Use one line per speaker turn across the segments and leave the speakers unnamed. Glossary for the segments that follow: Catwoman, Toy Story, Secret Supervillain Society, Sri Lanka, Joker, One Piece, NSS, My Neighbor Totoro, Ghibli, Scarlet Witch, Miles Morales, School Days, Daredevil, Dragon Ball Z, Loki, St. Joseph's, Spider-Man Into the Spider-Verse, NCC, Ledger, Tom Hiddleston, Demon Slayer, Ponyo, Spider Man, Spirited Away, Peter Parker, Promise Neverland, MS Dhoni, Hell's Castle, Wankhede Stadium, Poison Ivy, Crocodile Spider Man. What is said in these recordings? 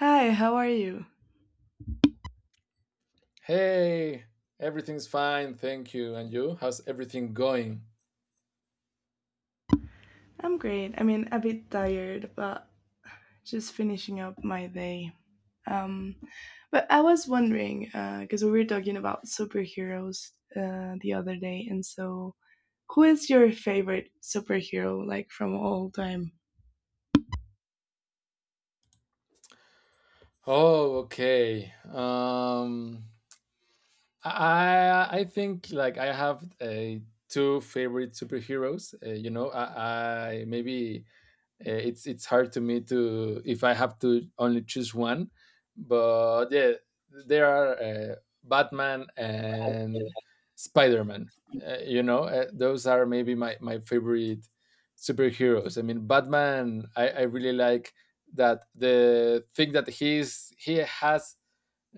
Hi, how are you?
Hey, everything's fine, thank you. And you? How's everything going?
I'm great. I mean, a bit tired, but just finishing up my day. Um, but I was wondering, because we were talking about superheroes the other day, and so who is your favorite superhero, like from all time?
Oh, okay. I think like I have a two favorite superheroes. You know, I maybe It's hard to me to if I have to only choose one, but yeah, there are Batman and Spider Man. Those are maybe my favorite superheroes. I mean, Batman. I really like that the thing that he has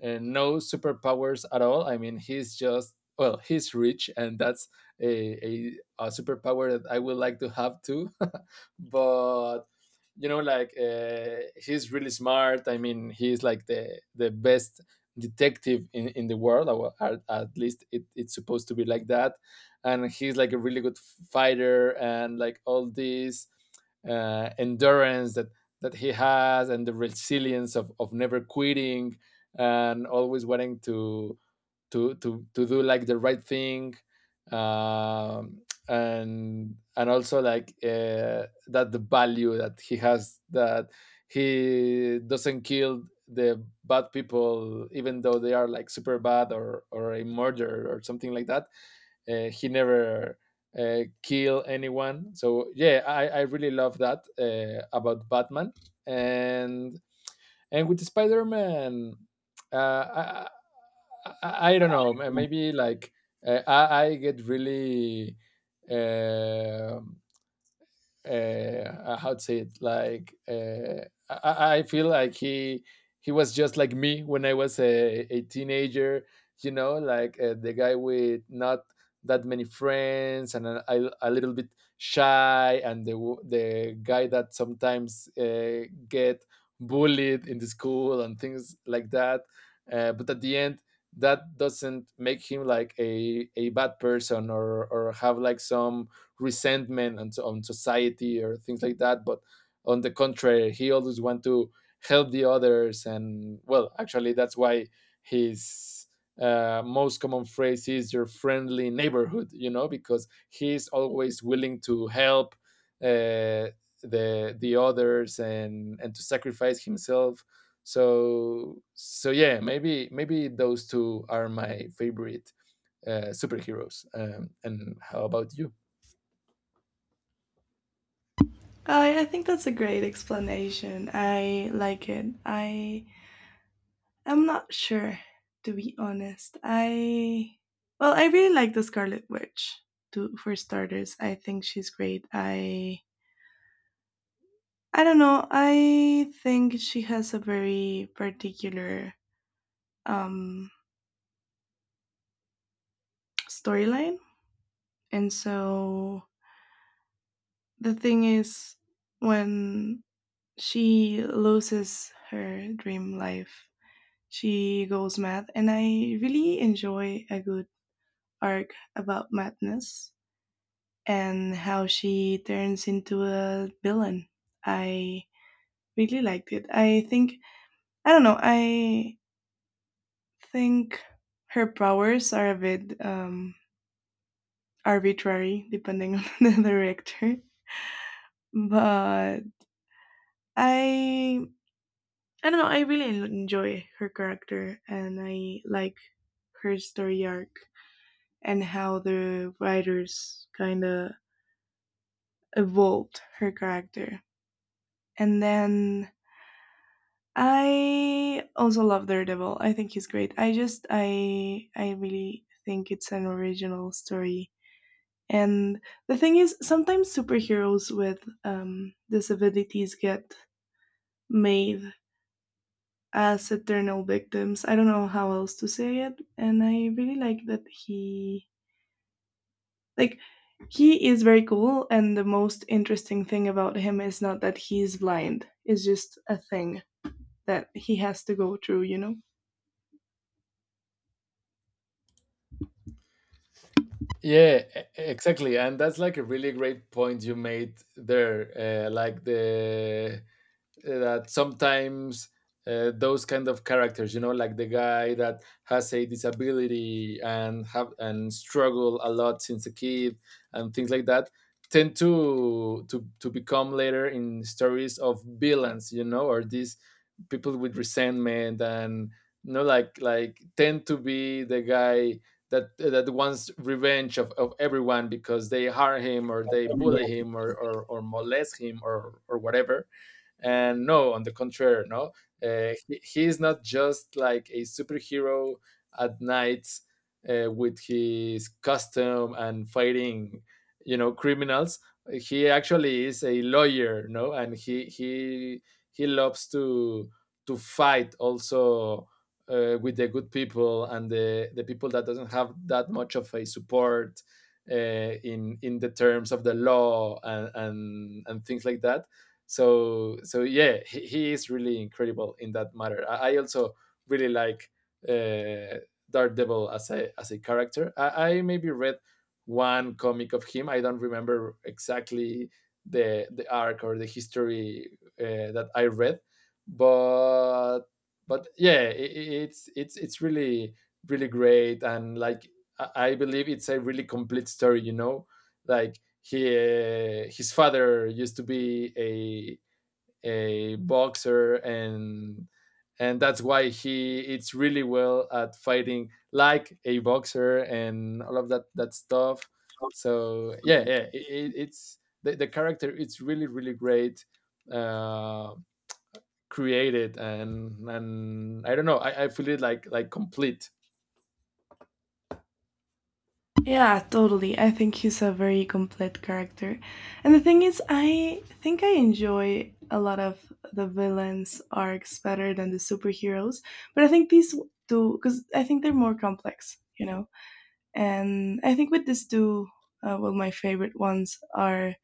no superpowers at all. I mean, he's just well, he's rich, and that's a, a, a superpower that I would like to have too. But you know like he's really smart. I mean, he's like the best detective in the world, or at least it's supposed to be like that. And he's like a really good fighter, and like all this endurance that he has, and the resilience of never quitting, and always wanting to do like the right thing. um and also like that the value that he has, that he doesn't kill the bad people, even though they are like super bad, or a murderer or something like that. He never kill anyone, so yeah, I really love that about Batman. and and with Spider Man, uh, I, I don't know. Maybe like I get really. um how to say it? Like I feel like he was just like me when I was a teenager. You know, like the guy with not that many friends and a little bit shy, and the guy that sometimes get bullied in the school and things like that. But at the end, that doesn't make him like a bad person, or have like some resentment on society or things like that. But on the contrary, he always wants to help the others. And well, actually, that's why his most common phrase is "your friendly neighborhood," you know, because he's always willing to help uh, the others, and to sacrifice himself. Yeah, maybe maybe those two are my favorite superheroes. And how about you?
I think that's a great explanation. I like it. I'm not sure, to be honest. I well, I really like the Scarlet Witch. To, for starters, I think she's great. I don't know. I think she has a very particular um, storyline. And so the thing is, when she loses her dream life, she goes mad. And I really enjoy a good arc about madness and how she turns into a villain. I really liked it. I think, I don't know, I think her powers are a bit arbitrary depending on the director, but I I don't know. I really enjoy her character, and I like her story arc and how the writers kind of evolved her character. And then I also love Daredevil. I think he's great. I just I really think it's an original story. And the thing is, sometimes superheroes with disabilities get made as eternal victims. I don't know how else to say it. And I really like that he, like, he is very cool. And the most interesting thing about him is not that he's blind, it's just a thing that he has to go through, you know?
Yeah, exactly. And that's like a really great point you made there. Like the that sometimes those kind of characters, you know, like the guy that has a disability and have and struggle a lot since a kid and things like that, tend to become later in stories of villains, you know, or these people with resentment. And you know, like tend to be the guy that wants revenge of everyone, because they harm him, or they bully him, or or molest him, or whatever. And no, on the contrary, no, he is not just like a superhero at night with his costume and fighting, you know, criminals. He actually is a lawyer, no, and he loves to fight also with the good people and the people that doesn't have that much of a support in the terms of the law and things like that. Yeah, he is really incredible in that matter. I also really like uh Daredevil as a character. I maybe read one comic of him. I don't remember exactly the arc or the history that I read. But but yeah, I it's really really great. And like, I believe it's a really complete story, you know. Like he his father used to be a boxer, and that's why he it's really well at fighting like a boxer and all of that stuff. It's the character. It's really really great uh created. And I don't know, I feel it like complete.
Yeah, totally. I think he's a very complete character. And the thing is, I think I enjoy a lot of the villains' arcs better than the superheroes. But I think these two, because I think they're more complex, you know? And I think with these two, well, my favorite ones are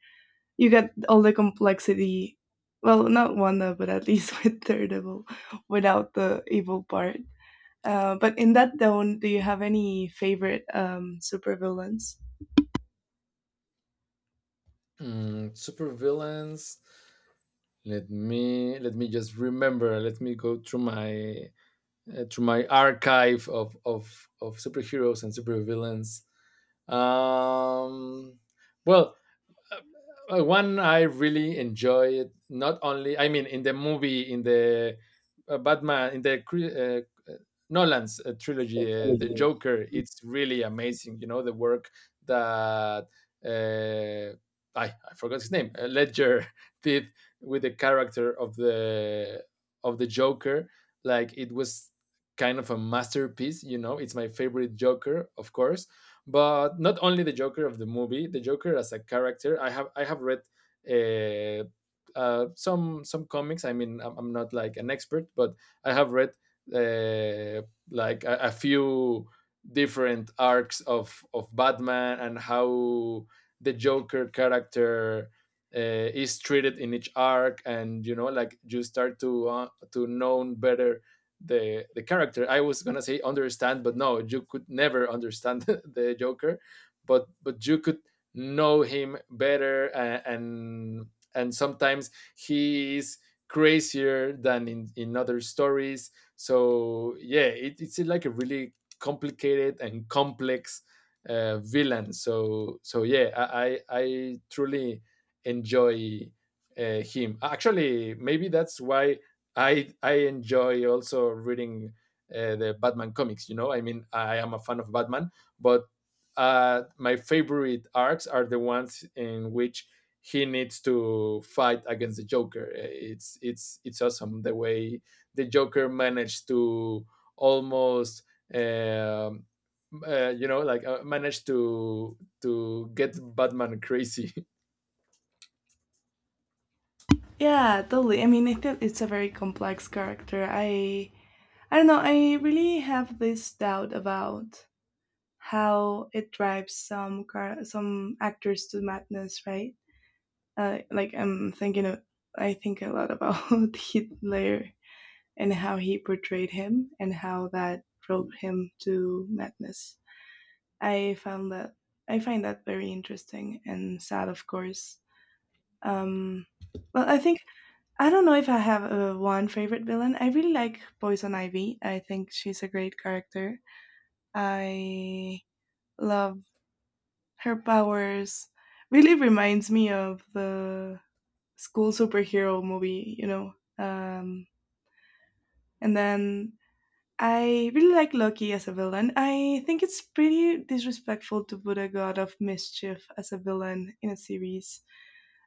you get all the complexity. Well, not Wanda, but at least with Daredevil, without the evil part. But in that tone, do you have any favorite supervillains?
Mm, super villains. Let me just remember. Let me go through my archive of superheroes and supervillains. Um, well, one I really enjoy it. Not only, I mean, in the movie, in the Batman, in the uh, Nolan's trilogy, the
Yeah.
Joker. It's really amazing. You know the work that uh, I forgot his name. Ledger did with the character of the Joker. Like it was kind of a masterpiece. You know, it's my favorite Joker, of course. But not only the Joker of the movie, the Joker as a character. I have read uh, some comics. I mean, I'm not like an expert, but I have read uh, like a few different arcs of Batman and how the Joker character is treated in each arc. And you know, like you start to know better the character. I was gonna say understand, but no, you could never understand the Joker, but you could know him better. And sometimes he is crazier than in other stories. So yeah, it, it's like a really complicated and complex villain. Yeah, I truly enjoy him. Actually, maybe that's why I enjoy also reading the Batman comics. You know, I mean, I am a fan of Batman, but my favorite arcs are the ones in which he needs to fight against the Joker. It's awesome the way the Joker managed to almost. Um, you know, like managed to get Batman crazy.
Yeah, totally. I mean, I, think it's a very complex character. I don't know. I really have this doubt about how it drives some car some actors to madness, right? Like I'm thinking of, I think a lot about Hitler and how he portrayed him and how that drove him to madness. I found that I find that very interesting and sad, of course. Um, well, I think I don't know if I have one favorite villain. I really like Poison Ivy. I think she's a great character. I love her powers. Really reminds me of the school superhero movie, you know. Um, and then I really like Loki as a villain. I think it's pretty disrespectful to put a god of mischief as a villain in a series.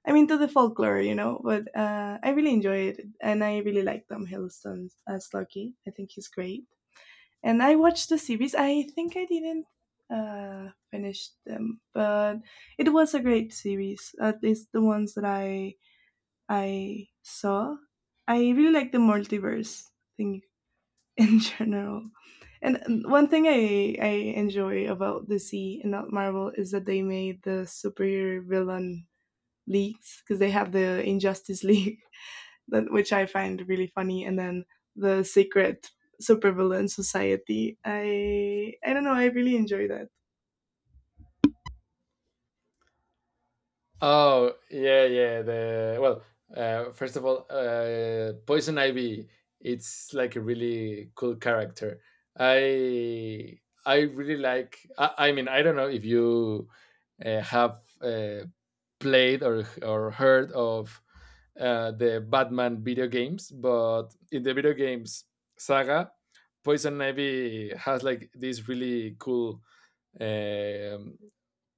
I'm into the folklore, you know, but I really enjoy it, and I really like Tom Hiddleston as Loki. I think he's great. And I watched the series. I think I didn't finish them, but it was a great series. At least the ones that I saw. I really like the multiverse thing in general. And one thing I enjoy about DC and not Marvel is that they made the superhero villain leagues because they have the Injustice League, which I find really funny, and then the Secret Supervillain Society. I don't know. I really enjoy that.
Oh, yeah, yeah. The well, first of all, Poison Ivy. It's like a really cool character. I I really like. I mean, I don't know if you have played or heard of the Batman video games. But in the video games saga, Poison Ivy has like this really cool um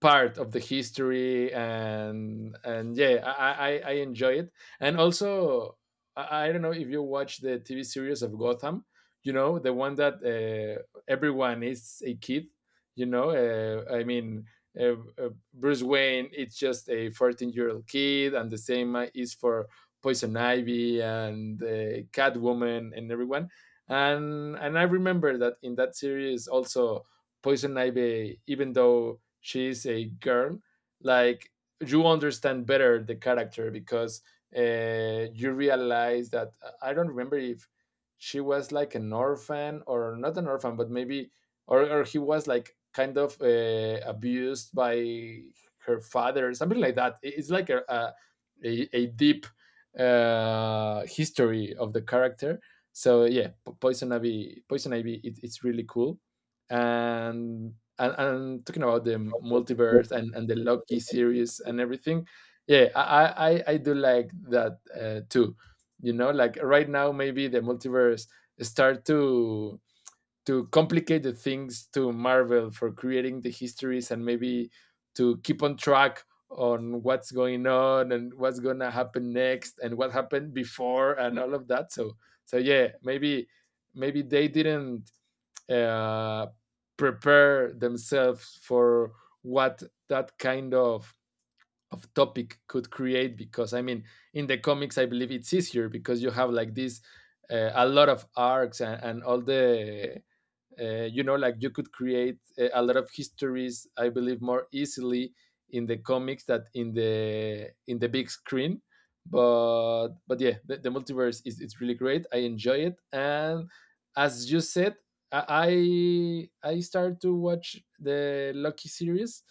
part of the history. And yeah, I enjoy it. And also, I don't know if you watch the TV series of Gotham, you know, the one that everyone is a kid. You know, uh, Bruce Wayne, it's just a 14-year-old year old kid, and the same is for Poison Ivy and Catwoman and everyone. And I remember that in that series also Poison Ivy, even though she is a girl, like, you understand better the character, because you realize that I don't remember if she was like an orphan or not an orphan, but maybe or he was like kind of abused by her father, something like that. It's like a a deep history of the character. So yeah, Poison Ivy, it's really cool. And talking about the multiverse, and the Loki series and everything, yeah, I do like that too. You know, like right now maybe the multiverse start to complicate the things to Marvel for creating the histories. And maybe to keep on track on what's going on and what's gonna happen next and what happened before and all of that. Yeah, maybe maybe they didn't uh, prepare themselves for what that kind of topic could create. Because I mean, in the comics, I believe it's easier, because you have like this a lot of arcs, and all the you know, like you could create lot of histories, I believe, more easily in the comics that in the big screen. But yeah, the multiverse is it's really great. I enjoy it. And as you said, i I started to watch the Loki series.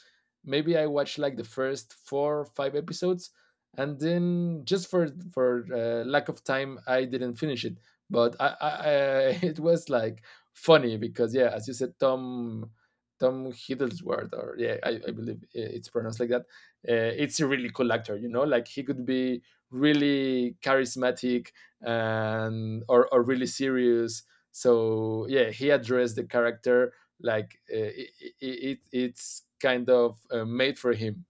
Maybe I watched like the first four or five episodes, and then just for lack of time, I didn't finish it. But I It was like funny because yeah, as you said, Tom Hiddlesworth, or yeah, I believe it's pronounced like that. It's a really cool actor, you know. Like he could be really charismatic and or really serious. So yeah, he addressed the character like it's kind of made for him.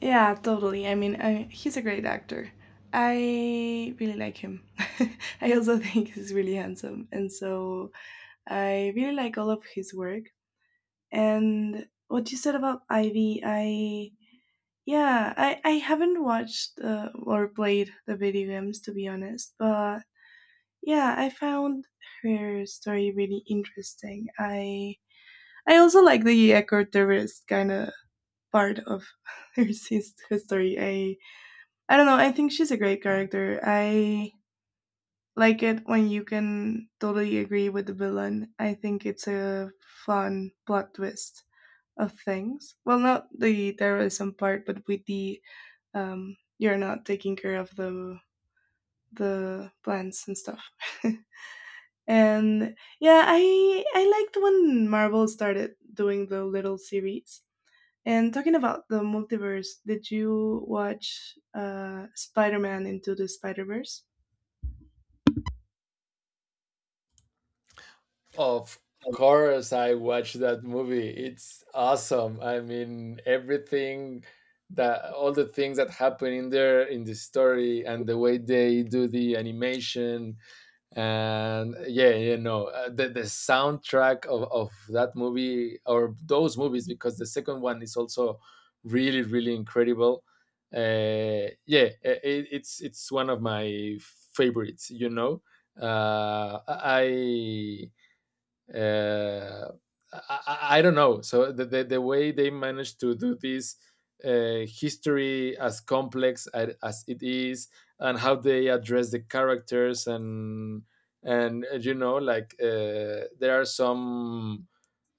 Yeah, totally. I mean, I, he's a great actor. I really like him. I also think he's really handsome, and so I really like all of his work. And what you said about Ivy, I yeah, I haven't watched or played the video games to be honest, but yeah, I found her story really interesting. I also like the eco-terrorist kind of part of her, sis- her story. I don't know. I think she's a great character. I like it when you can totally agree with the villain. I think it's a fun plot twist of things. Well, not the terrorism part, but with the you're not taking care of the plants and stuff. And yeah, I liked when Marvel started doing the little series. And talking about the multiverse, did you watch Spider-Man Into the Spider-Verse?
Of course, I watched that movie. It's awesome. I mean, everything that all the things that happen in there in the story, and the way they do the animation. And yeah, you know, the soundtrack of that movie, or those movies, because the second one is also really really incredible. Yeah, it's one of my favorites. You know, uh, I uh, don't know. So the way they managed to do this history as complex as it is, and how they address the characters, and there are some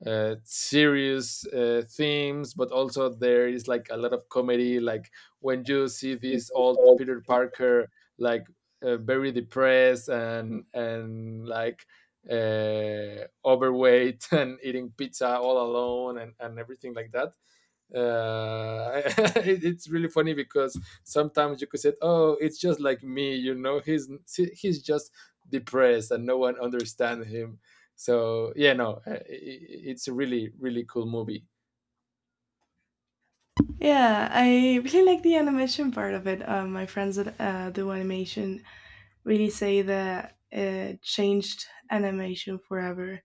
serious themes, but also there is like a lot of comedy. Like when you see this old Peter Parker, like very depressed and like overweight and eating pizza all alone and everything like that uh, it's really funny because sometimes you could say, "Oh, it's just like me," he's just depressed and no one understands him. So yeah, no, it's a really really cool movie.
Yeah, I really like the animation part of it. My friends that do animation really say that it changed animation forever,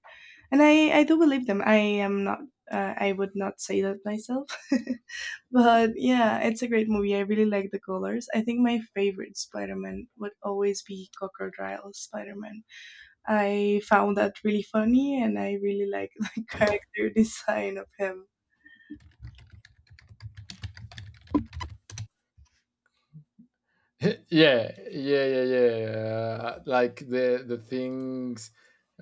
and I do believe them. I am not. I would not say that myself. But yeah, it's a great movie. I really like the colors. I think my favorite Spider Man would always be Crocodile Spider Man. I found that really funny and I really like the character design of him.
Yeah, like the things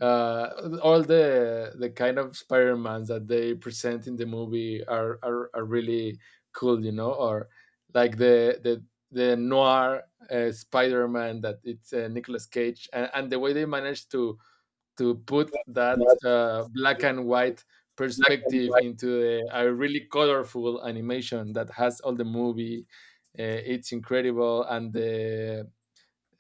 all the kind of spider-mans that they present in the movie are really cool, you know, or like the noir spider-man that it's nicholas cage, and the way they managed to put that
That
black and white
black and
perspective
white.
into a really colorful animation that has all the movie. It's incredible, and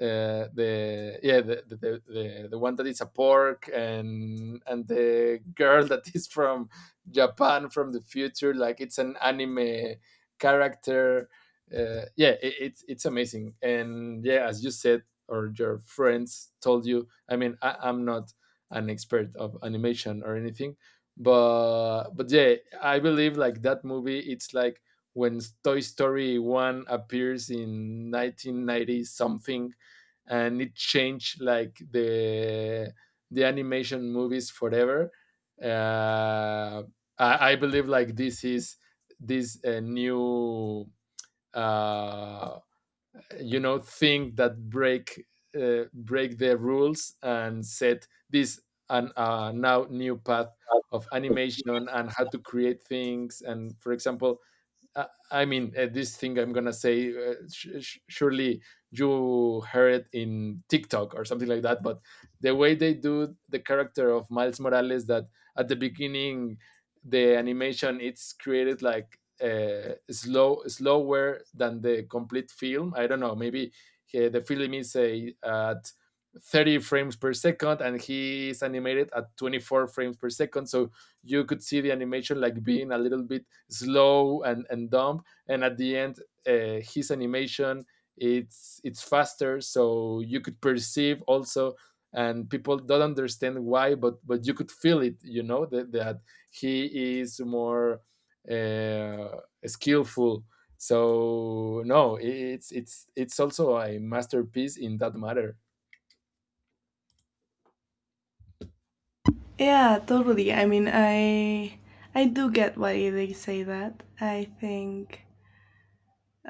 the yeah the one that is a pork and the girl that is from Japan from the future like it's an anime character. It's amazing, and yeah, as you said or your friends told you, I mean, I'm not an expert of animation or anything, but yeah, I believe like that movie it's like when Toy Story 1 appears in 1990 something and it changed like the animation movies forever. Uh, I believe like this is this new uh, thing that break the rules and set this an now new path of animation and how to create things. And for example, this thing I'm gonna say, surely you heard it in TikTok or something like that. But the way they do the character of Miles Morales, that at the beginning, the animation it's created like slow, slower than the complete film. I don't know. Maybe the film is at 30 frames per second, and he is animated at 24 frames per second. So you could see the animation like being a little bit slow and dumb, and at the end his animation it's faster, so you could perceive also, and people don't understand why, but you could feel it, you know, that he is more uh, skillful. So no, it's it's also a masterpiece in that matter.
Yeah, totally. I mean, I do get why they say that. I think,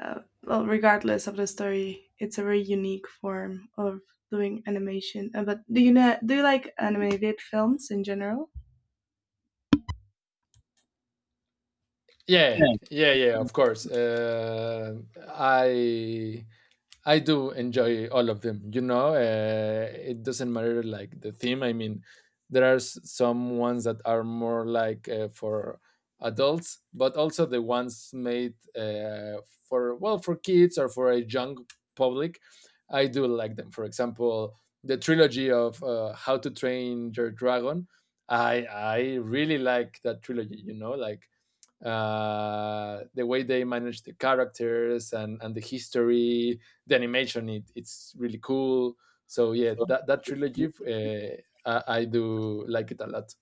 well, regardless of the story, it's a very unique form of doing animation. But do you know, do you like animated films in general?
Yeah, yeah, yeah. Of course, I I do enjoy all of them. You know, it doesn't matter like the theme. I mean, there are some ones that are more like for adults, but also the ones made for, well, for kids or for a young public. I do like them. For example, the trilogy of How to Train Your Dragon. I really like that trilogy. You know, like the way they manage the characters, and the history, the animation, it's really cool. So yeah, that trilogy, I do like it a lot.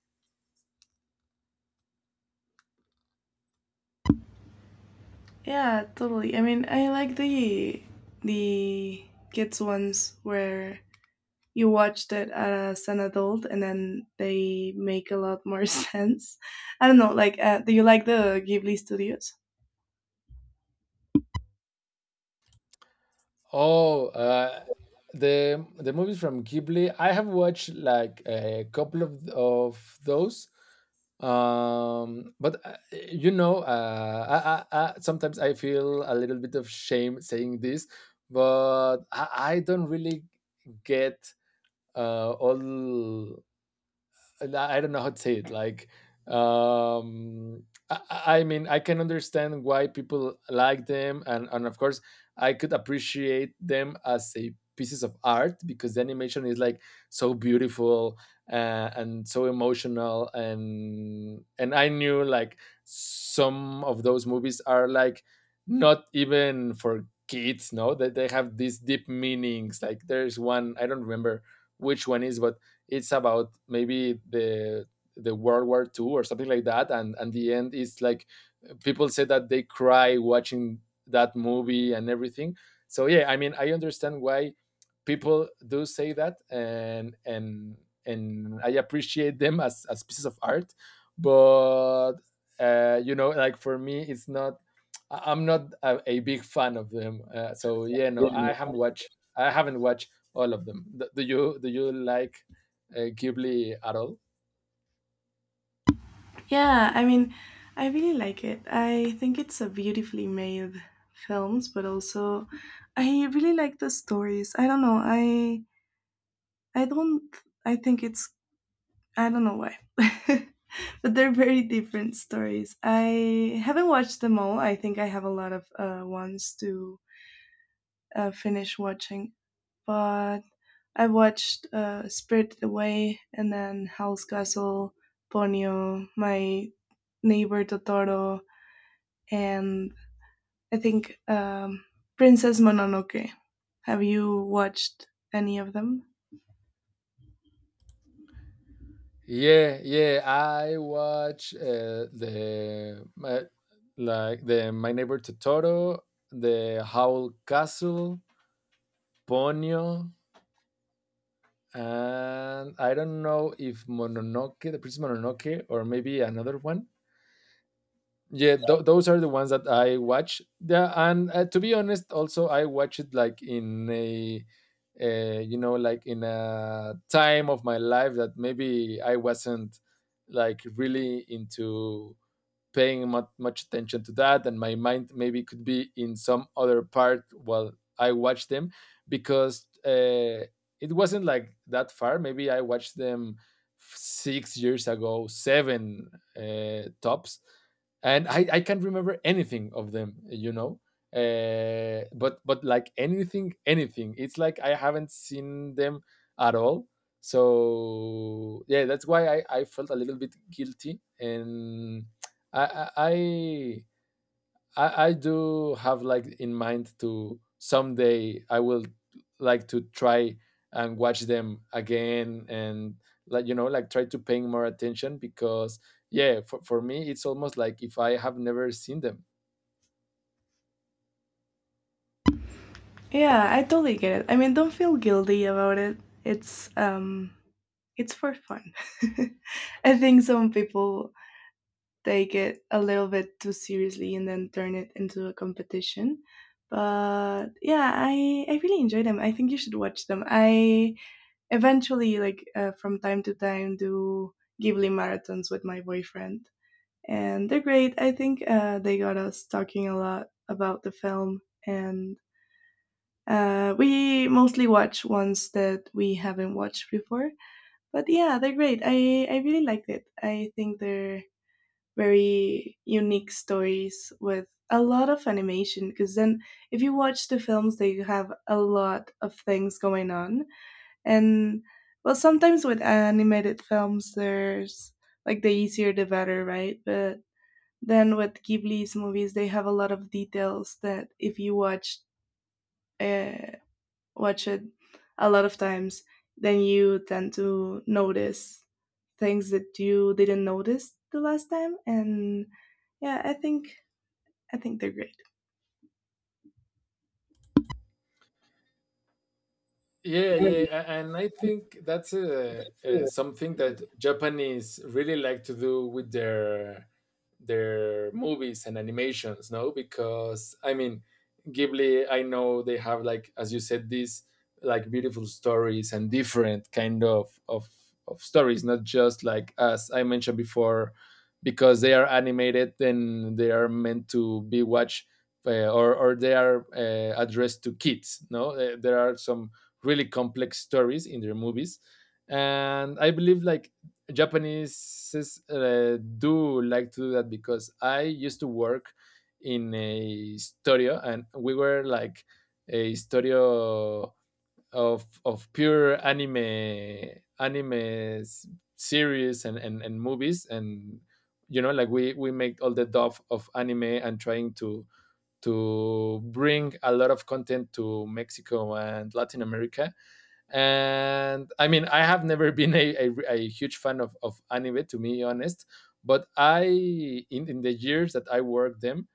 Yeah, totally. I mean, I like the kids ones where you watched it as an adult and then they make a lot more sense. I don't know, like do you like the Ghibli studios?
Oh, the movies from Ghibli, I have watched like a couple of those. But you know, I sometimes I feel a little bit of shame saying this, but I don't really get all I don't know how to say it. Like, um, I mean, I can understand why people like them, and of course, I could appreciate them as a pieces of art because the animation is like so beautiful and so emotional, and I knew like some of those movies are like not even for kids, no, that they have these deep meanings. Like there's one, I don't remember which one is, but it's about maybe the World War Two or something like that, and the end is like people say that they cry watching that movie and everything. So yeah, I mean, I understand why people do say that, and I appreciate them as pieces of art, but you know, like for me, it's not. I'm not a big fan of them. So yeah,
Yeah,
no, I haven't
no,
watched. I haven't watched all of them. Do you like Ghibli at all?
yeah, I mean, I really like it. I think it's a beautifully made films, but also I really like the stories. I don't know. I don't I think it's I don't know why. But they're very different stories. I haven't watched them all. I think I have a lot of ones to finish watching. But I watched Spirited Away and then Hell's Castle, Ponyo, My Neighbor Totoro, and I think Princess Mononoke. Have you watched any of them?
Yeah, yeah. I watch like the My Neighbor Totoro, the Howl Castle, Ponyo, and I don't know if Mononoke, the Princess Mononoke, or maybe another one. Yeah, those are the ones that I watch. Yeah, and to be honest, also I watch it like in a like in a time of my life that maybe I wasn't like really into paying much attention to that, and my mind maybe could be in some other part while I watched them, because it wasn't like that far. Maybe I watched them 6 years ago, seven tops, and I can't remember anything of them, you know, but like anything anything, it's like I haven't seen them at all. So yeah, that's why I felt a little bit guilty, and I I I I do have like in mind to someday I will like to try and watch them again, and like, you know, like try to paying more attention, because yeah, for me it's almost like if I have never seen them.
Yeah, I totally get it. I mean, don't feel guilty about it. It's it's for fun. I think some people take it a little bit too seriously and then turn it into a competition. But yeah, I really enjoy them. I think you should watch them. I eventually like from time to time do Ghibli marathons with my boyfriend, and they're great. I think they got us talking a lot about the film, and we mostly watch ones that we haven't watched before, but yeah, they're great. I really liked it. I think they're very unique stories with a lot of animation because then if you watch the films they have a lot of things going on, and well, sometimes with animated films there's like the easier the better, right? But then with Ghibli's movies they have a lot of details that if you watch uh, watch it a lot of times then you tend to notice things that you didn't notice the last time, and yeah, I think I think they're great.
Yeah,
Yeah,
yeah,
me,
and I think that's something that Japanese really like to do with their movies and animations, no? Because I mean, Ghibli, I know they have like, as you said, these like beautiful stories and different kind of stories, not just like as I mentioned before, because they are animated, then they are meant to be watched or they are addressed to kids, no? There are some really complex stories in their movies, and I believe like japanese do like to do that, because I used to work in a studio, and we were like a studio of pure anime anime series, and movies, and you know, like we make all the stuff of anime and trying to bring a lot of content to mexico and latin america. And I mean, I have never been a huge fan of anime, to be honest, but I in the years that I worked them,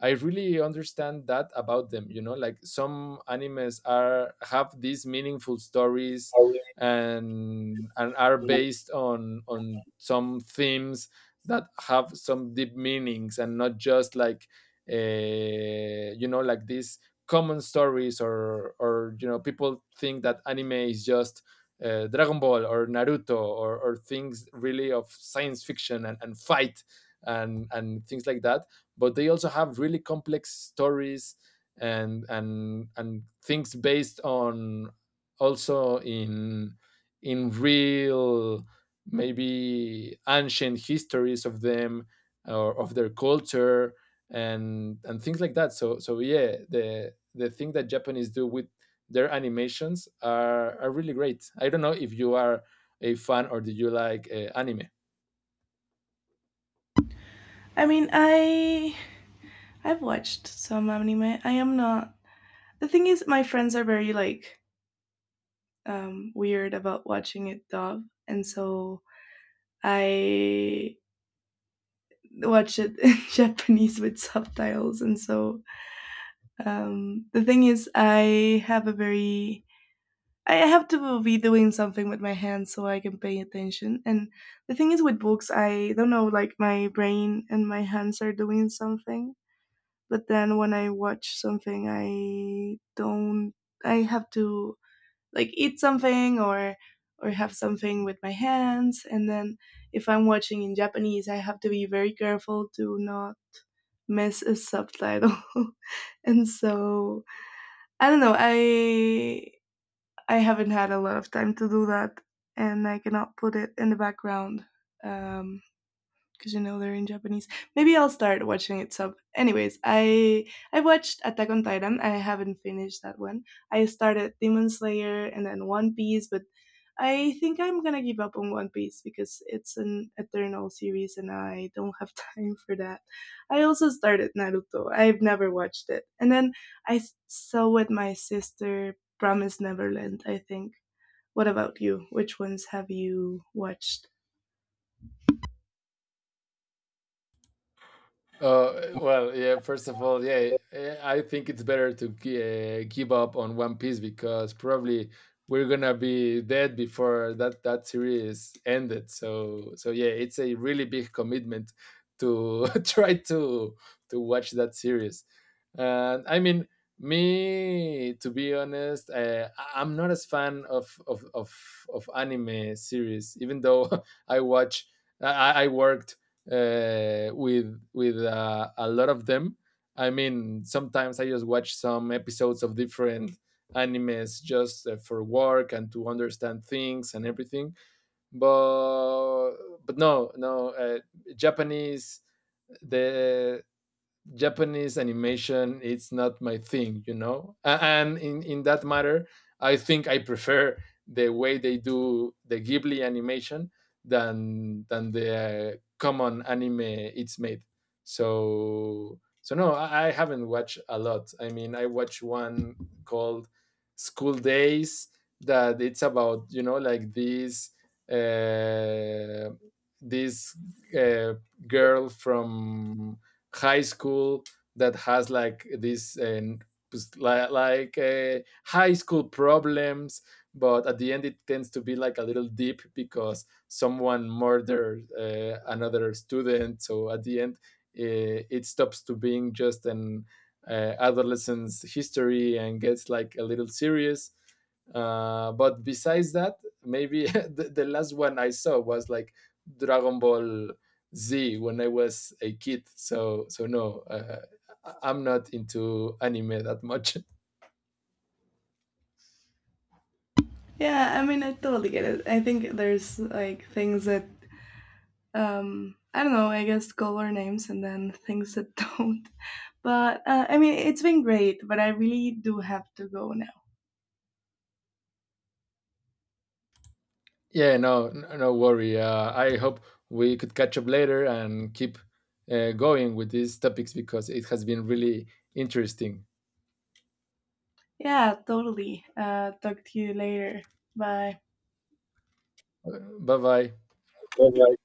I really understand that about them, you know, like some animes are have these meaningful stories, and are based on some themes that have some deep meanings, and not just like this common stories, or, you know, people think that anime is just Dragon Ball or Naruto, or things really of science fiction, and fight, and things like that. But they also have really complex stories, and things based on also in real maybe ancient histories of them or of their culture and things like that. So so yeah, the thing that Japanese do with their animations are really great. I don't know if you are a fan, or do you like anime.
I mean, I I've watched some anime. I am not the thing is my friends are very like weird about watching it dub, and so I watch it in Japanese with subtitles, and so the thing is I have a very I have to be doing something with my hands so I can pay attention. And the thing is with books, I don't know, like my brain and my hands are doing something, but then when I watch something, I don't I have to like eat something or have something with my hands, and then if I'm watching in Japanese, I have to be very careful to not miss a subtitle. And so I don't know, I haven't had a lot of time to do that, and I cannot put it in the background. Um, because you know they're in Japanese. Maybe I'll start watching it sub. Anyways, I watched Attack on Titan. I haven't finished that one. I started Demon Slayer and then One Piece, but I think I'm gonna give up on One Piece because it's an eternal series and I don't have time for that. I also started Naruto. I've never watched it, and then I saw with my sister Promise Neverland. I think. What about you? Which ones have you watched?
Yeah. First of all, yeah, I think it's better to give up on One Piece, because probably we're gonna be dead before that series ended. So, so yeah, it's a really big commitment to try to watch that series. And I mean, me, to be honest, I- I'm not as fan of anime series, even though I watch. I worked with a lot of them. I mean, sometimes I just watch some episodes of different animes just for work and to understand things and everything. But but no, no, Japanese the Japanese animation it's not my thing, you know. And in that matter, I think I prefer the way they do the Ghibli animation than the common anime it's made. So so no, I haven't watched a lot. I mean, I watched one called School Days, that it's about, you know, like these uh, this uh, girl from high school that has like this like, like uh, high school problems, but at the end it tends to be like a little deep because someone murdered another student. So at the end it stops to being just an adolescence history, and gets like a little serious. But besides that, maybe the last one I saw was like Dragon Ball Z when I was a kid. So so no, I'm not into anime that much.
Yeah, I mean, I totally get it. I think there's like things that I don't know, I guess color names and then things that don't. But I mean, it's been great, but I really do have to go now.
yeah, no, no worry. I hope we could catch up later and keep going with these topics, because it has been really interesting.
Yeah, totally. Talk to you later.
Bye bye.
Bye.